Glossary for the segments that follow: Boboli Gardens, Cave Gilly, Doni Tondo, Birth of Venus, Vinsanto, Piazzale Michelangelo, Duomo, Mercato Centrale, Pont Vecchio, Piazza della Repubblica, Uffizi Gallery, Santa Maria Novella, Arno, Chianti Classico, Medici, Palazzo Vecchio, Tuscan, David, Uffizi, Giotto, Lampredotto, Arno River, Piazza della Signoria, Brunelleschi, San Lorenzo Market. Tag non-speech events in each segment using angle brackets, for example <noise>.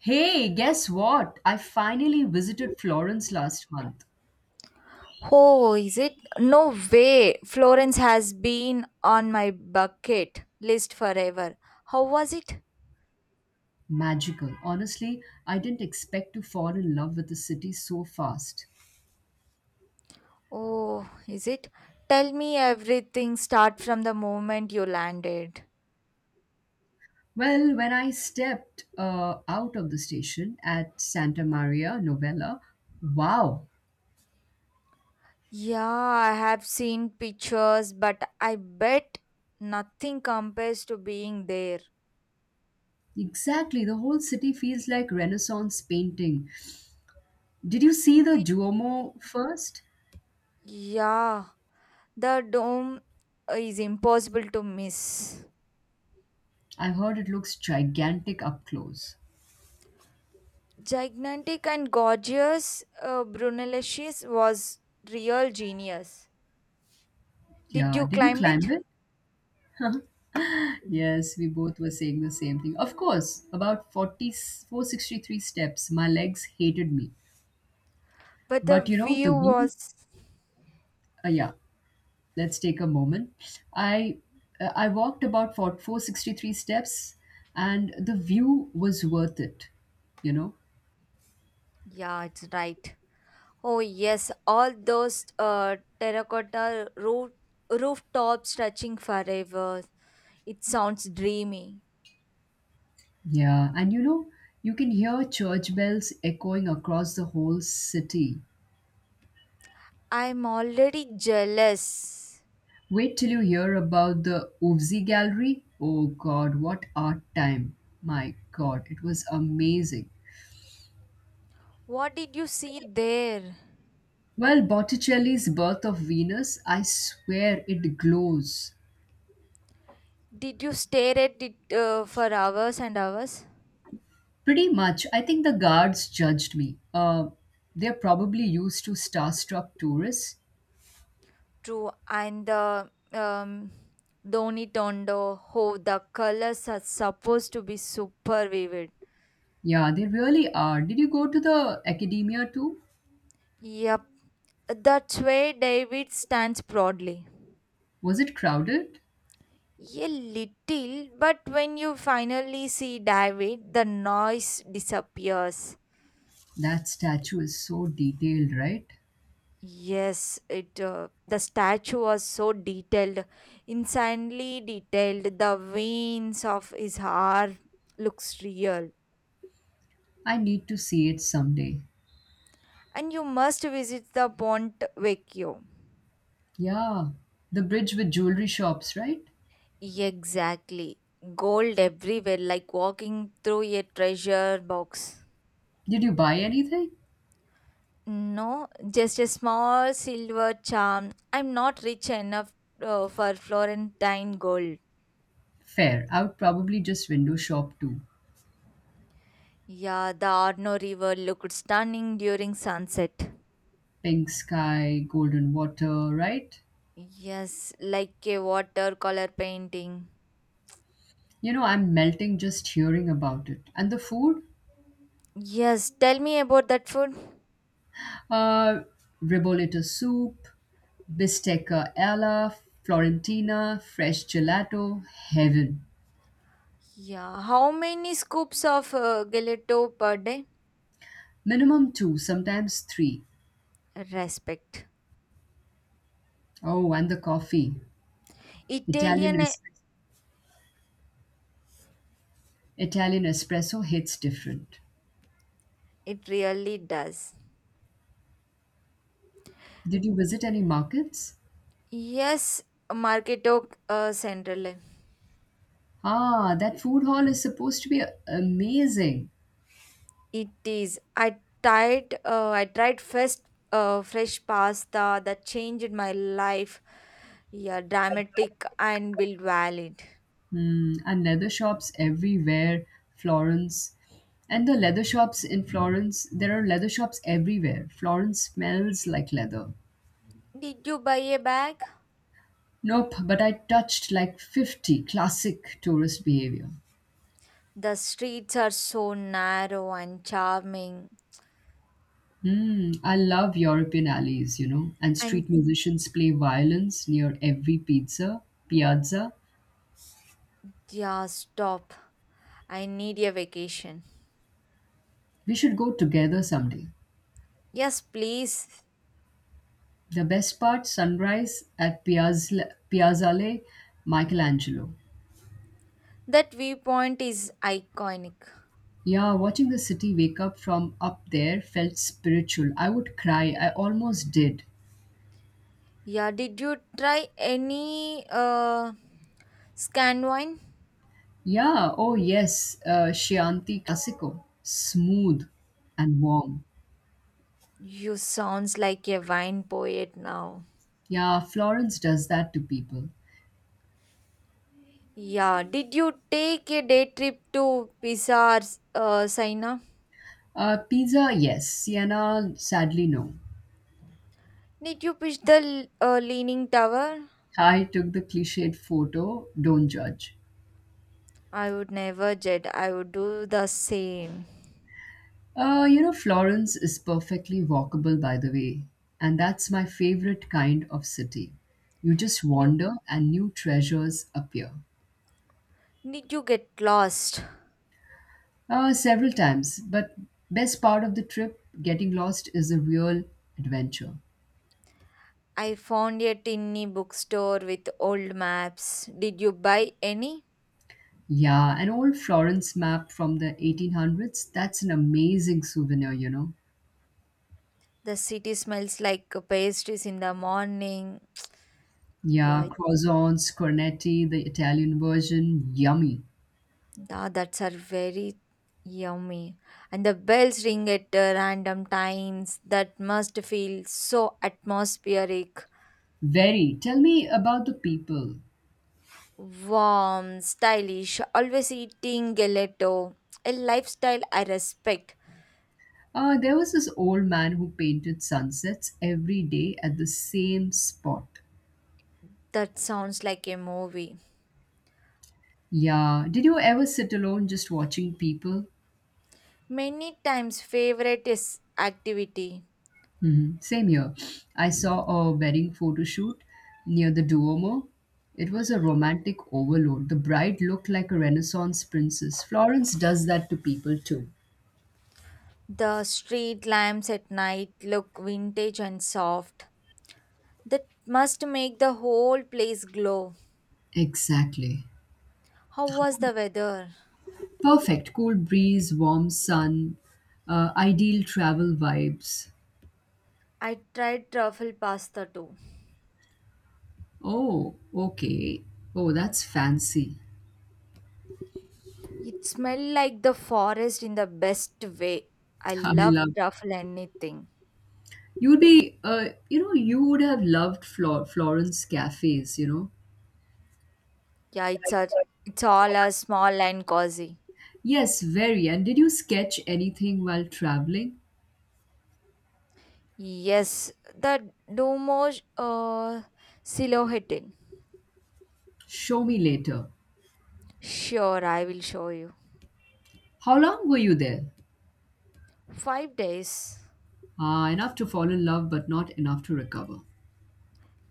Hey, guess what? I finally visited Florence last month. Oh, is it? No way. Florence has been on my bucket list forever. How was it? Magical. Honestly, I didn't expect to fall in love with the city so fast. Oh, is it? Tell me everything start from the moment you landed. Well, when I stepped out of the station at Santa Maria Novella, wow, Yeah, I have seen pictures, but I bet nothing compares to being there. exactly. The whole city feels like Renaissance painting. Did you see the The, Duomo first? yeah, the dome is impossible to miss. I heard it looks gigantic up close. Gigantic and gorgeous. Brunelleschi was real genius. Did Yeah, you did you climb climb it? it? Yes, we both were saying the same thing. Of course, about forty four sixty three steps, my legs hated me. But the But the view view, was. Yeah, let's take a moment. I I walked about for 463 steps and the view was worth it, you know? Yeah, it's right. Oh yes, all those terracotta rooftops stretching forever. It sounds dreamy. Yeah, and you can hear church bells echoing across the whole city. I'm already jealous. Wait till you hear about the Uvzi Gallery. Oh God, what art time! My God, it was amazing. What did you see there? Well, Botticelli's Birth of Venus, I swear it glows. Did you stare at it for hours and hours? Pretty much, I think the guards judged me. They're probably used to starstruck tourists. True, and the Doni Tondo, how the colors are supposed to be super vivid. Yeah, they really are. Did you go to the academia too? Yep, that's where David stands proudly. Was it crowded? A little, but when you finally see David, the noise disappears. That statue is so detailed, right? Yes, it the statue was so detailed, insanely detailed. The veins of his heart looks real. I need to see it someday. And you must visit the Pont Vecchio. Yeah, the bridge with jewelry shops, right? Exactly. Gold everywhere, like walking through a treasure box. Did you buy anything? No, just a small silver charm. I'm not rich enough for Florentine gold. Fair. I would probably just window shop too. Yeah, the Arno River looked stunning during sunset. Pink sky, golden water, right? Yes, like a watercolor painting. I'm melting just hearing about it. And the food? Yes, tell me about that food. Uh, Ribollita soup, bistecca alla, florentina, fresh gelato, heaven. Yeah, how many scoops of gelato per day? Minimum two, sometimes three. Respect. Oh, and the coffee. Italian Italian, eh, espresso. Italian espresso hits different. it really does. Did you visit any markets? Yes, Marketo Central. Ah, that food hall is supposed to be amazing. It is. I tried first fresh pasta that changed my life. Yeah, dramatic and build valid. Mm, and leather shops everywhere, Florence. And the leather shops in Florence, there are leather shops everywhere. Florence smells like leather. Did you buy a bag? Nope, but I touched like 50 classic tourist behavior. The streets are so narrow and charming. Hmm, I love European alleys, and And street musicians play violins near every pizza, piazza. Yeah, stop. I need a vacation. We should go together someday. Yes, please. The best part, sunrise at Piazza, Piazzale Michelangelo. That viewpoint is iconic. Yeah, watching the city wake up from up there felt spiritual. I would cry. I almost did. Yeah, did you try any scan wine? Yeah, oh yes, Chianti Classico. Smooth and warm. You sounds like a wine poet now. Yeah, Florence does that to people. Yeah, did you take a day trip to Pisa or Saina? Pizza, yes. Siena, sadly, no. Did you push the leaning tower? I took the cliched photo, don't judge. I would never, Jed. I would do the same. Florence is perfectly walkable, by the way, and that's my favorite kind of city. You just You wander and new treasures appear. Did you get lost? Several times, but best part of the trip, getting lost is a real adventure. I found a tiny bookstore with old maps. Did you buy any? Yeah, an old Florence map from the 1800s, that's an amazing souvenir. The city smells like pastries in the morning. Yeah, Yeah, croissants, cornetti, the Italian version, yummy. That's are very yummy. And the bells ring at random times. That must feel so atmospheric, Very. Tell me about the people. warm, stylish. Always eating gelato, a lifestyle I respect. There was this old man who painted sunsets every day at the same spot. That sounds like a movie. Yeah, did you ever sit alone just watching people? Many times favorite is activity. Mhm. Same here. I saw a wedding photo shoot near the Duomo. It was a romantic overload. The bride looked like a Renaissance princess. Florence does that to people too. The street lamps at night look vintage and soft. That must make the whole place glow. Exactly. How was the weather? Perfect. Cool breeze, warm sun, ideal travel vibes. I tried truffle pasta too. Oh, okay. Oh, that's fancy. It smelled like the forest in the best way. I I love love. truffle anything. You'd be, you know, you would have loved Florence cafes. Yeah, it's all a small and cozy. Yes, very. And did you sketch anything while traveling? Yes, the Domo silhouette. Show me later. Sure, I will show you. How long were you there? 5 days. Ah, enough to fall in love, but not enough to recover.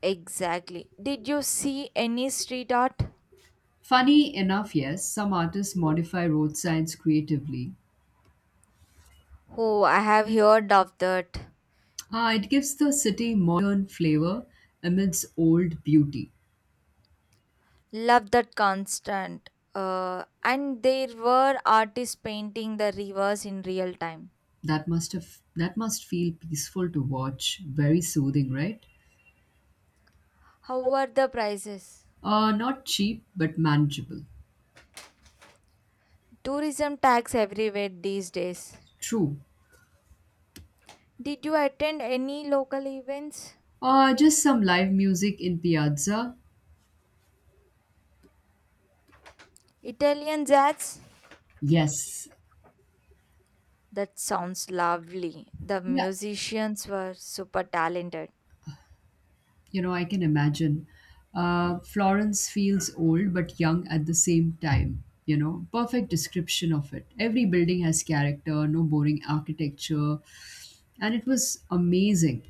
Exactly. Did you see any street art? Funny enough, yes, some artists modify road signs creatively. Oh, I have heard of that. Ah, it gives the city modern flavor amidst old beauty. Love that constant. And there were artists painting the rivers in real time. That must feel peaceful to watch. Very soothing, right? How were the prices? Not cheap, but manageable. Tourism tax everywhere these days. True. Did you attend any local events? Just some live music in Piazza. Italian jazz? Yes. That sounds lovely. The Yeah, musicians were super talented. I can imagine. Florence feels old but young at the same time. Perfect description of it. Every building has character, no boring architecture, and it was amazing.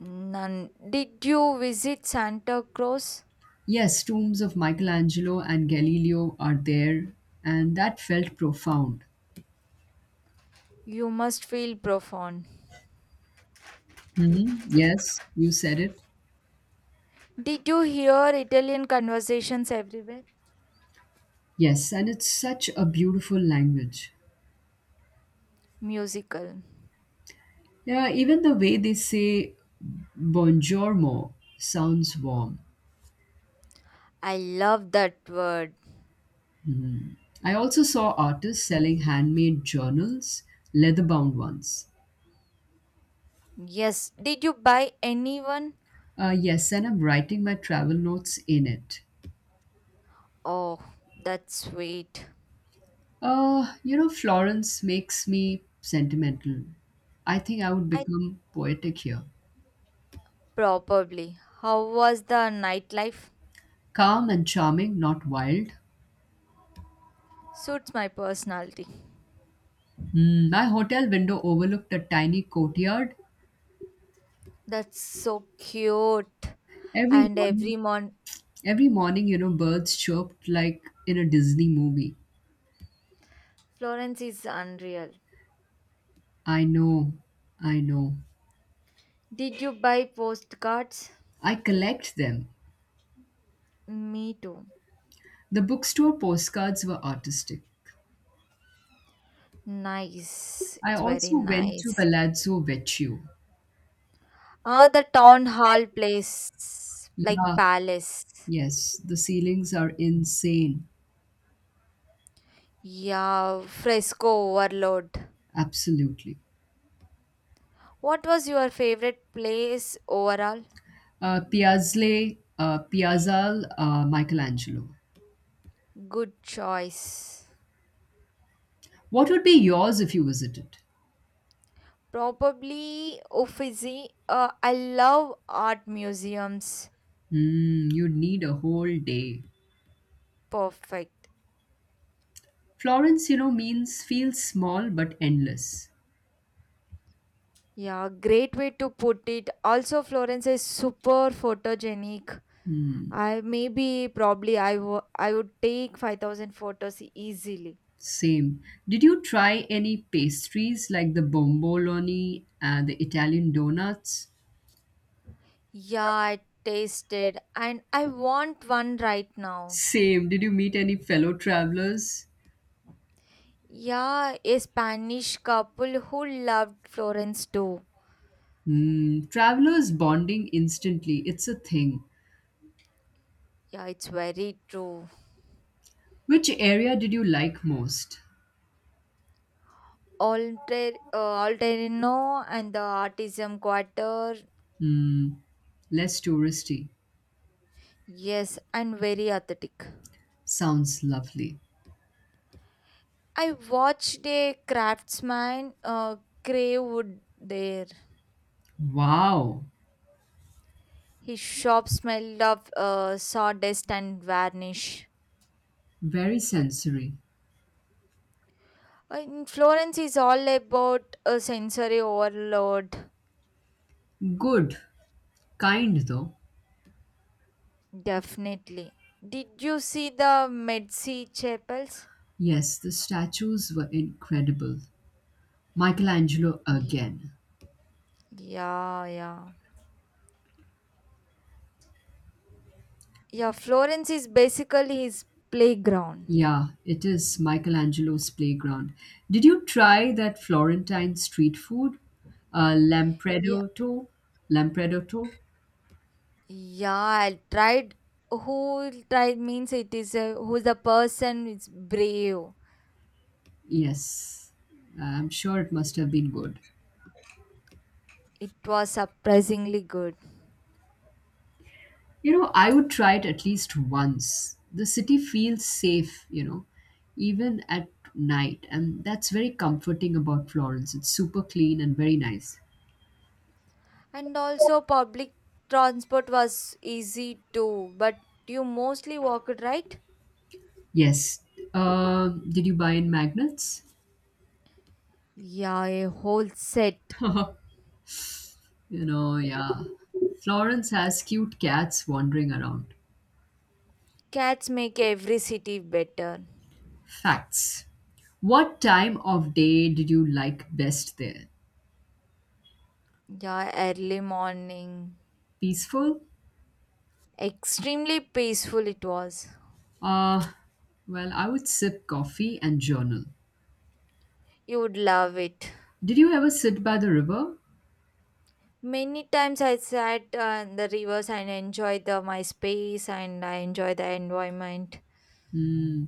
None. Did you visit Santa Cruz? Yes, tombs of Michelangelo and Galileo are there, and that felt profound. You must feel profound. Hmm. Yes, you said it. Did you hear Italian conversations everywhere? Yes, and it's such a beautiful language. Musical. Yeah, even the way they say buongiorno sounds warm. I love that word. I also saw artists selling handmade journals, leather bound ones. Yes, did you buy anyone? Yes, and I'm writing my travel notes in it. Oh, that's sweet. Florence makes me sentimental. I think I would I become poetic here. probably. How was the nightlife? Calm and charming, not wild. Suits my personality. Hmm, my hotel window overlooked a tiny courtyard. That's so cute. Every And morning, every mon every morning, birds chirped like in a Disney movie. Florence is unreal. I know, I know. Did you buy postcards? I collect them. Me too. The bookstore postcards were artistic. Nice. I It's very also went to nice. Palazzo Vecchio. Ah, the town hall place, like Yeah, palace. yes, the ceilings are insane. Yeah, fresco overload. Absolutely. What was your favorite place overall? Michelangelo. Good choice. What would be yours if you visited? Probably Uffizi. I love art museums. Hmm, you'd need a whole day. Perfect. Florence, you know, means feels small but endless. Yeah, great way to put it. Also, Florence is super photogenic. Hmm, I maybe probably I would take 5,000 photos easily. same. Did you try any pastries like the bomboloni and the Italian donuts? Yeah, I tasted and I want one right now. Same. Did you meet any fellow travelers? Yeah, a Spanish couple who loved Florence too. Hmm. Travelers bonding instantly. It's a thing. Yeah, it's very true. Which area did you like most? Alterino and the Artisan Quarter, Hmm. Less touristy. yes, and very aesthetic. Sounds lovely. I watched a craftsman crave wood there. Wow. His shop smelled of sawdust and varnish. Very sensory. In Florence is all about a sensory overload, Good. Kind though. definitely. Did you see the Medici chapels? Yes, the statues were incredible. Michelangelo Y- again. yeah, yeah. Yeah, Florence is basically his playground. Yeah, it is Michelangelo's playground. Did you try that Florentine street food? Uh, Yeah, Lampredotto? Lampredotto? yeah. I tried. Who tried means who the person is brave. Yes. I'm sure it must have been good. It was surprisingly good, I would try it at least once. The city feels safe, even at night. And that's very comforting about Florence. It's super clean and very nice. and also public transport was easy too. But you mostly walked, right? Yes. Did you buy in magnets? Yeah, a whole set. <laughs> Yeah. Florence has cute cats wandering around. Cats make every city better. Facts. What time of day did you like best there? Yeah, early morning. Peaceful? Extremely peaceful it was. Uh, well, I would sip coffee and journal. You would love it. Did you ever sit by the river? Many times I sat in the rivers and enjoyed my space and I enjoy the environment. Hmm.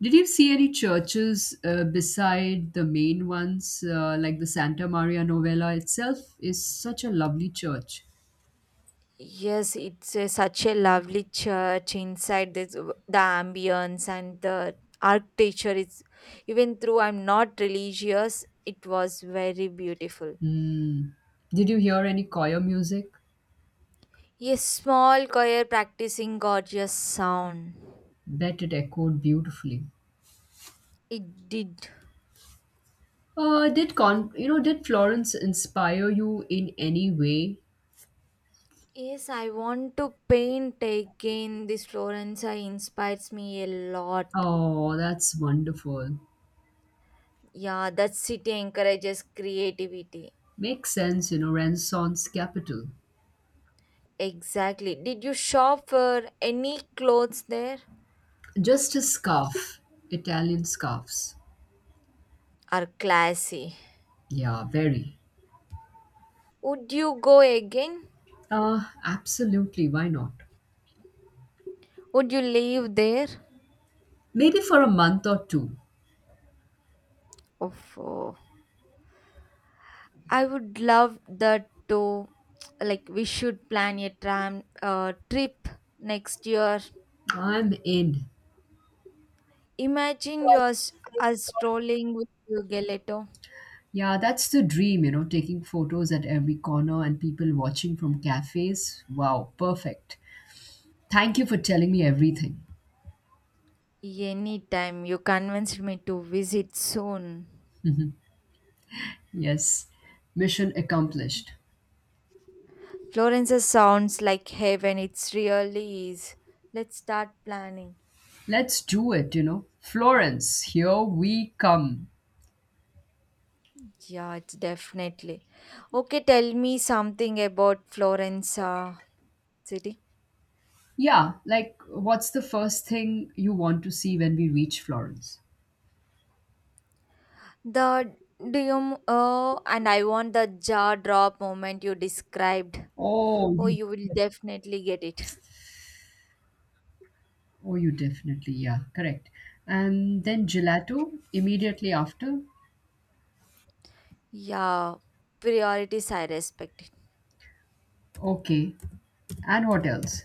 Did you see any churches beside the main ones, like the Santa Maria Novella itself? Is such a lovely church. Yes, such a lovely church inside this the ambience and the architecture is, even though I'm not religious, it was very beautiful. Hmm. Did you hear any choir music? A small choir practicing gorgeous sound. Bet it echoed beautifully. It did. Did Florence inspire you in any way? Yes, I want to paint again. This Florence inspires me a lot. Oh, that's wonderful. Yeah, that city encourages creativity. Makes sense, Renaissance capital. Exactly. Did you shop for any clothes there? Just a scarf, Italian scarves. Are classy. Yeah, very. Would you go again? Absolutely, why not? Would you live there? Maybe for a month or two. Oh, I would love that too. Like we should plan a tram trip next year. I'm in. Imagine yours us strolling with you, Gelato. Yeah, that's the dream, taking photos at every corner and people watching from cafes. Wow, perfect. Thank you for telling me everything. Anytime you convinced me to visit soon. Yes, mission accomplished. Florence sounds like heaven. It's really is. Let's start planning. Let's do it. Florence, here we come. Yeah, it's definitely. Okay, tell me something about Florence city. Yeah, like what's the first thing you want to see when we reach Florence? The do you Oh, and I want the jaw drop moment you described. Oh, Oh, you you will def- definitely get it. Definitely, yeah, correct. And then gelato immediately after. Yeah, priorities I respect it. Okay. And what else?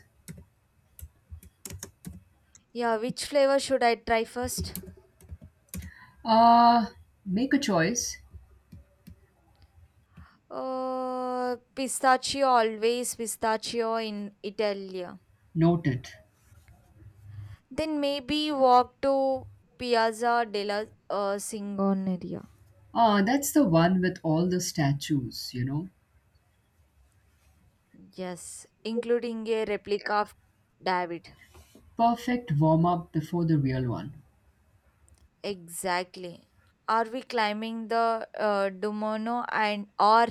Yeah, which flavor should I try first? Uh, Make a choice. Pistachio always pistachio in Italy. Noted. Then maybe walk to Piazza della Signoria. Ah, that's the one with all the statues. Yes, including a replica of David. Perfect warm up before the real one. Exactly. Are we climbing the Duomo and or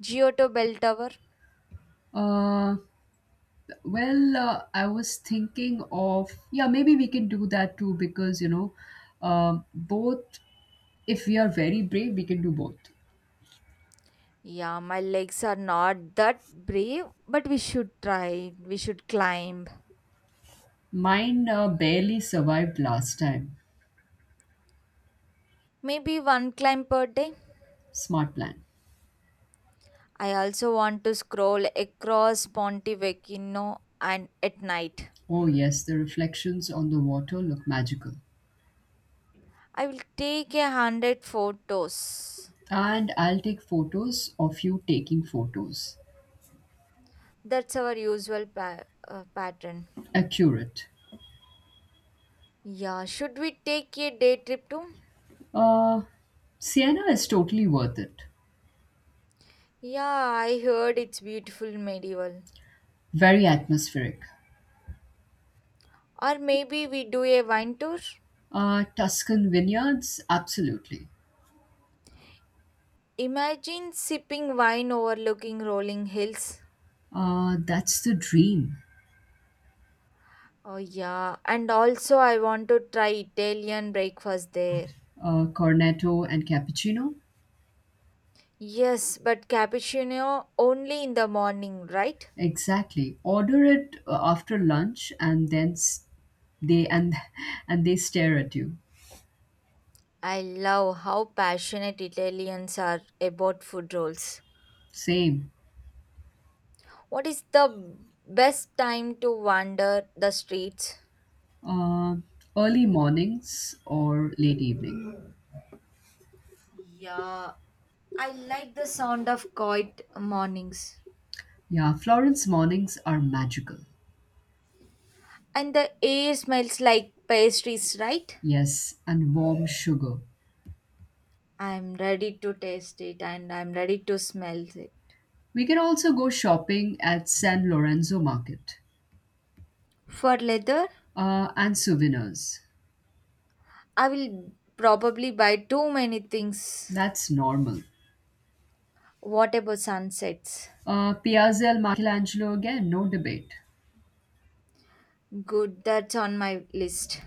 Giotto Bell Tower? Uh, Well, I was thinking of, yeah, maybe we can do that too because, both, if we are very brave, we can do both. Yeah, my legs are not that brave, but we should try. We should climb. Mine barely survived last time. Maybe one climb per day. Smart plan. I also want to scroll across Ponte Vecchio and at night. Oh, yes, the reflections on the water look magical. I will take 100 photos. And I'll take photos of you taking photos. That's our usual pattern. Accurate. Yeah, should we take a day trip too? Uh, Siena is totally worth it. Yeah, I heard it's beautiful medieval. Very atmospheric. Or maybe we do a wine tour. Tuscan vineyards, absolutely. Imagine sipping wine overlooking rolling hills. That's the dream. Oh yeah, and also I want to try Italian breakfast there. Cornetto and cappuccino. Yes, but cappuccino only in the morning, right? Exactly. Order it after lunch, and then s- they and <laughs> and they stare at you. I love how passionate Italians are about food rolls. Same. What is the best time to wander the streets? Uh, Early mornings or late evening. Yeah, I like the sound of quiet mornings. Yeah, Florence mornings are magical. And the air smells like pastries, right? Yes, and warm sugar. I'm ready to taste it and I'm ready to smell it. We can also go shopping at San Lorenzo Market. For leather, And souvenirs. I will probably buy too many things. That's normal. What about sunsets? Piazza Michelangelo again, no debate. Good, that's on my list.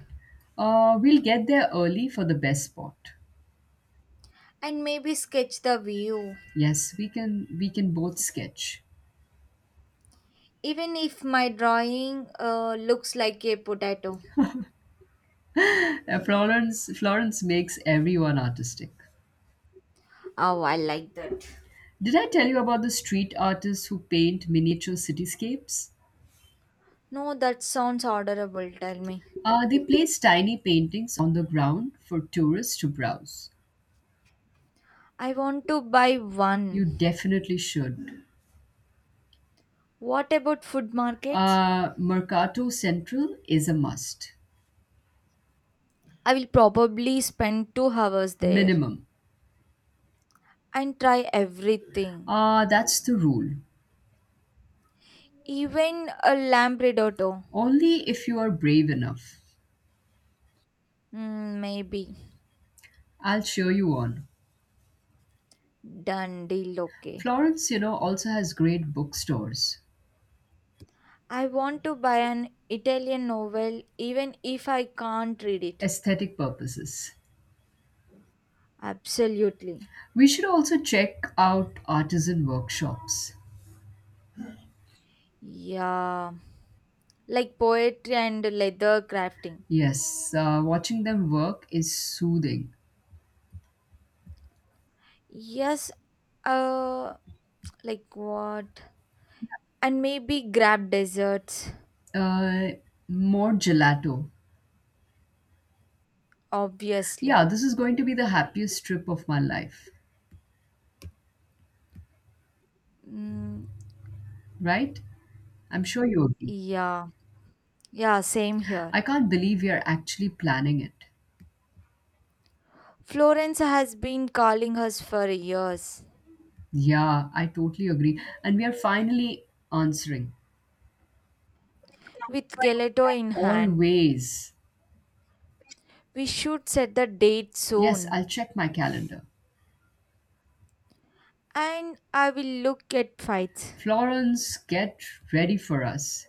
We'll get there early for the best spot. And maybe sketch the view, Yes, we can both sketch. even if my drawing looks like a potato. <laughs> Florence makes everyone artistic. Oh, I like that. Did I tell you about the street artists who paint miniature cityscapes? No, that sounds orderable. Tell me. They place tiny paintings on the ground for tourists to browse. I want to buy one. You definitely should. What about food markets? Mercato Central is a must. I will probably spend 2 hours there Minimum. and try everything, That's the rule. even a lamb risotto. Only if you are brave enough. Maybe. I'll cheer you on. Done deal, okay. Florence also has great bookstores, I want to buy an Italian novel even if I can't read it. aesthetic purposes. Absolutely. We should also check out artisan workshops. Yeah, like poetry and leather crafting. Yes, watching them work is soothing. Yes, uh, like what? And maybe grab desserts, Uh, More gelato. Yeah, obviously. this is going to be the happiest trip of my life, Mm, right? I'm sure you agree. yeah, yeah, same here. I can't believe we are actually planning it. Florence has been calling us for years Yeah, I totally agree. And we are finally answering. with gelato in hand. Always. We should set the date Yes, soon. I'll check my calendar. And I will look at fights. Florence, get ready for us.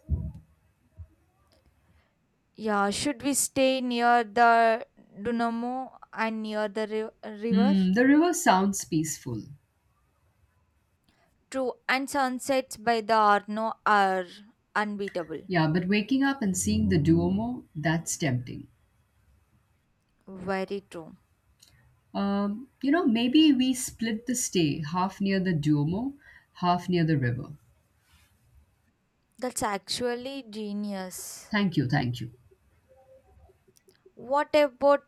Yeah, should we stay near the Dunamo and near the river? Hmm, the river sounds peaceful. True, and sunsets by the Arno are unbeatable. Yeah, but waking up and seeing the Duomo, that's tempting. Very true. Maybe we split the stay half near the Duomo, half near the river. That's actually genius. Thank you, thank you. What about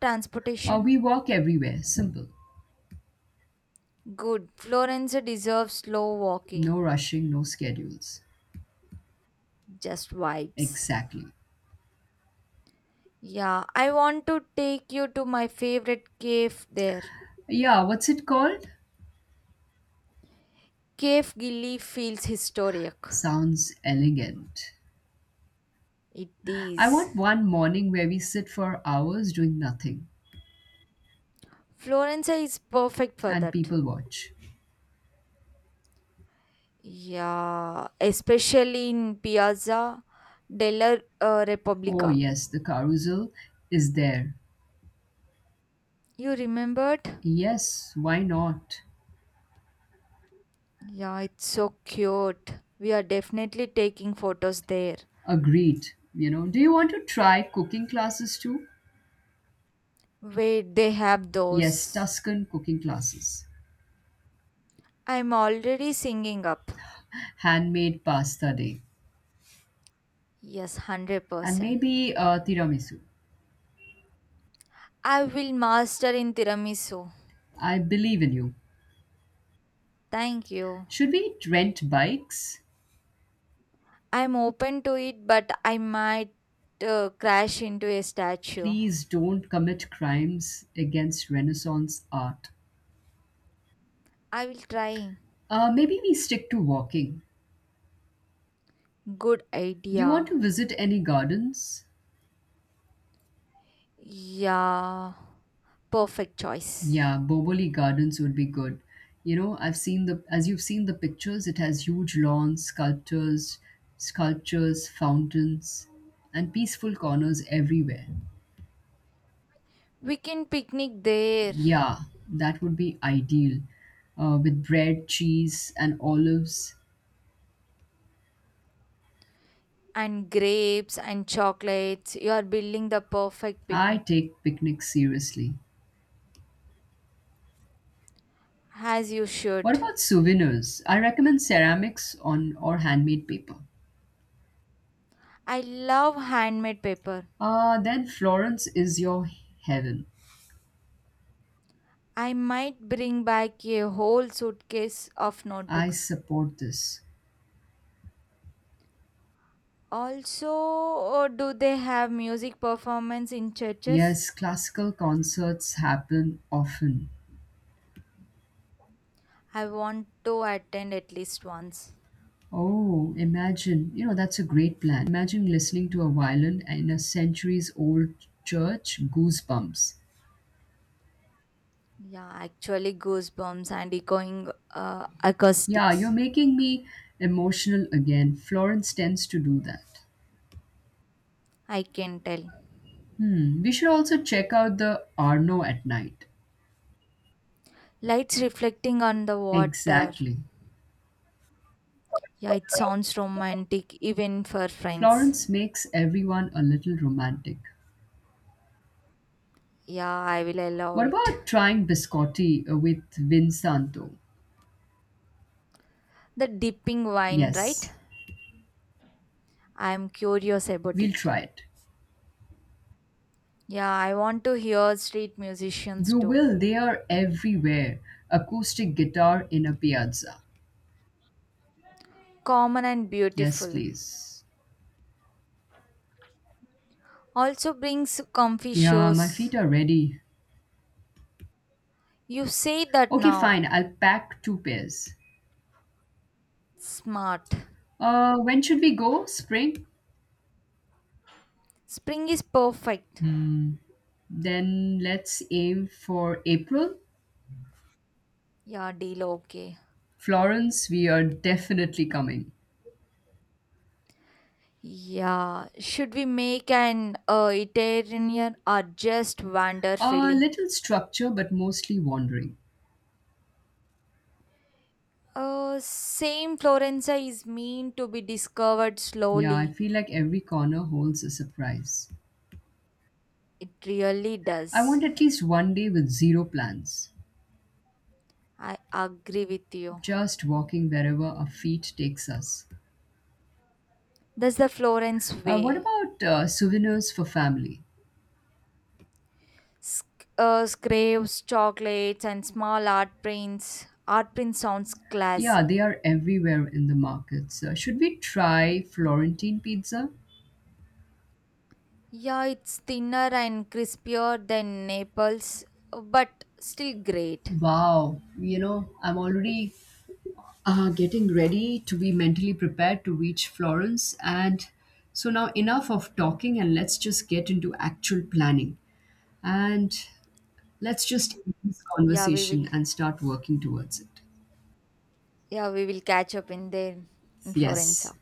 Transportation? We walk everywhere, simple. Good. Florence deserves slow walking. No rushing, no schedules. Just vibes. Exactly. Yeah, I want to take you to my favorite cave there. Yeah, what's it called? Cave Gilly feels historic. Sounds elegant. It I is. want one morning where we sit for hours doing nothing Florence is perfect for and that. people watch. Yeah, especially in Piazza della Oh, Repubblica. yes, the carousel is there. You remembered? Yes, why not? Yeah, it's so cute. We are definitely taking photos there. Agreed. Do you want to try cooking classes too? Wait, they have Yes, those. Tuscan cooking classes, I'm already singing up. handmade pasta day, Yes, and 100%. maybe tiramisu. I will master in tiramisu. I believe in you. Thank you. Should we rent bikes? I'm open to it, but I might crash into a statue. Please don't commit crimes against Renaissance art. I will try. Maybe we stick to walking. Good Do you want idea. to visit any gardens? Yeah, perfect choice. Yeah, Boboli Gardens would be good. You know, I've seen the as you've seen the pictures, it has huge lawns, sculptures, fountains, and peaceful corners everywhere. We can picnic there Yeah, that would be ideal. With bread, cheese, and olives, and grapes and chocolates. You are building the perfect I picnic take picnics seriously. as you What should. about souvenirs? I recommend ceramics on or handmade paper. I love handmade paper. Then Florence is your heaven. I might bring back a whole suitcase of I notebooks. support this. Also, do they have music performance in churches? Yes, classical concerts happen often. I want to attend at least once. Oh, imagine, that's a great plan. Imagine listening to a violin in a centuries old church, goosebumps. Yeah, actually goosebumps and echoing Yeah, you're acoustics. making me emotional again. Florence tends to do that. I can tell. Hmm, we should also check out the Arno at night. Lights reflecting on the water. Exactly. Yeah, it sounds romantic even for friends. Florence makes everyone a little romantic. Yeah, I will allow What it. about trying biscotti with Vinsanto? The dipping wine, right? Yes, I am curious about we'll it. try it. Yeah, I want to hear street musicians You too. will, they are everywhere. Acoustic guitar in a piazza. Common and Yes, beautiful. please. Also brings comfy Yeah, my shows. feet are ready. You say that Okay, now. fine. I'll pack two pairs. Smart. When should we go? Spring? Spring is perfect. Hmm. Then let's aim for April. Yeah, deal okay. Florence, we are definitely coming. Yeah, should we make an Italian or just wander A freely? little structure, but mostly wandering. Same, Florenza is mean to be discovered Yeah, I slowly. feel like every corner holds a surprise. It really I does. want at least one day with zero plans. I agree with you. Just walking wherever our feet takes us. That's the Florence Uh, what way. about uh, souvenirs for family? Scrapes, chocolates, and small art prints. Art print sounds Yeah, they classy. are everywhere in the markets. Should we try Florentine pizza? Yeah, it's thinner and crispier than Naples, but still great. Wow, I'm already getting ready to be mentally prepared to reach Florence. And so now, enough of talking and let's just get into actual planning. And let's just end this Yeah, we conversation will and start working towards it. Yeah, we will catch up in there in Florence. Yes.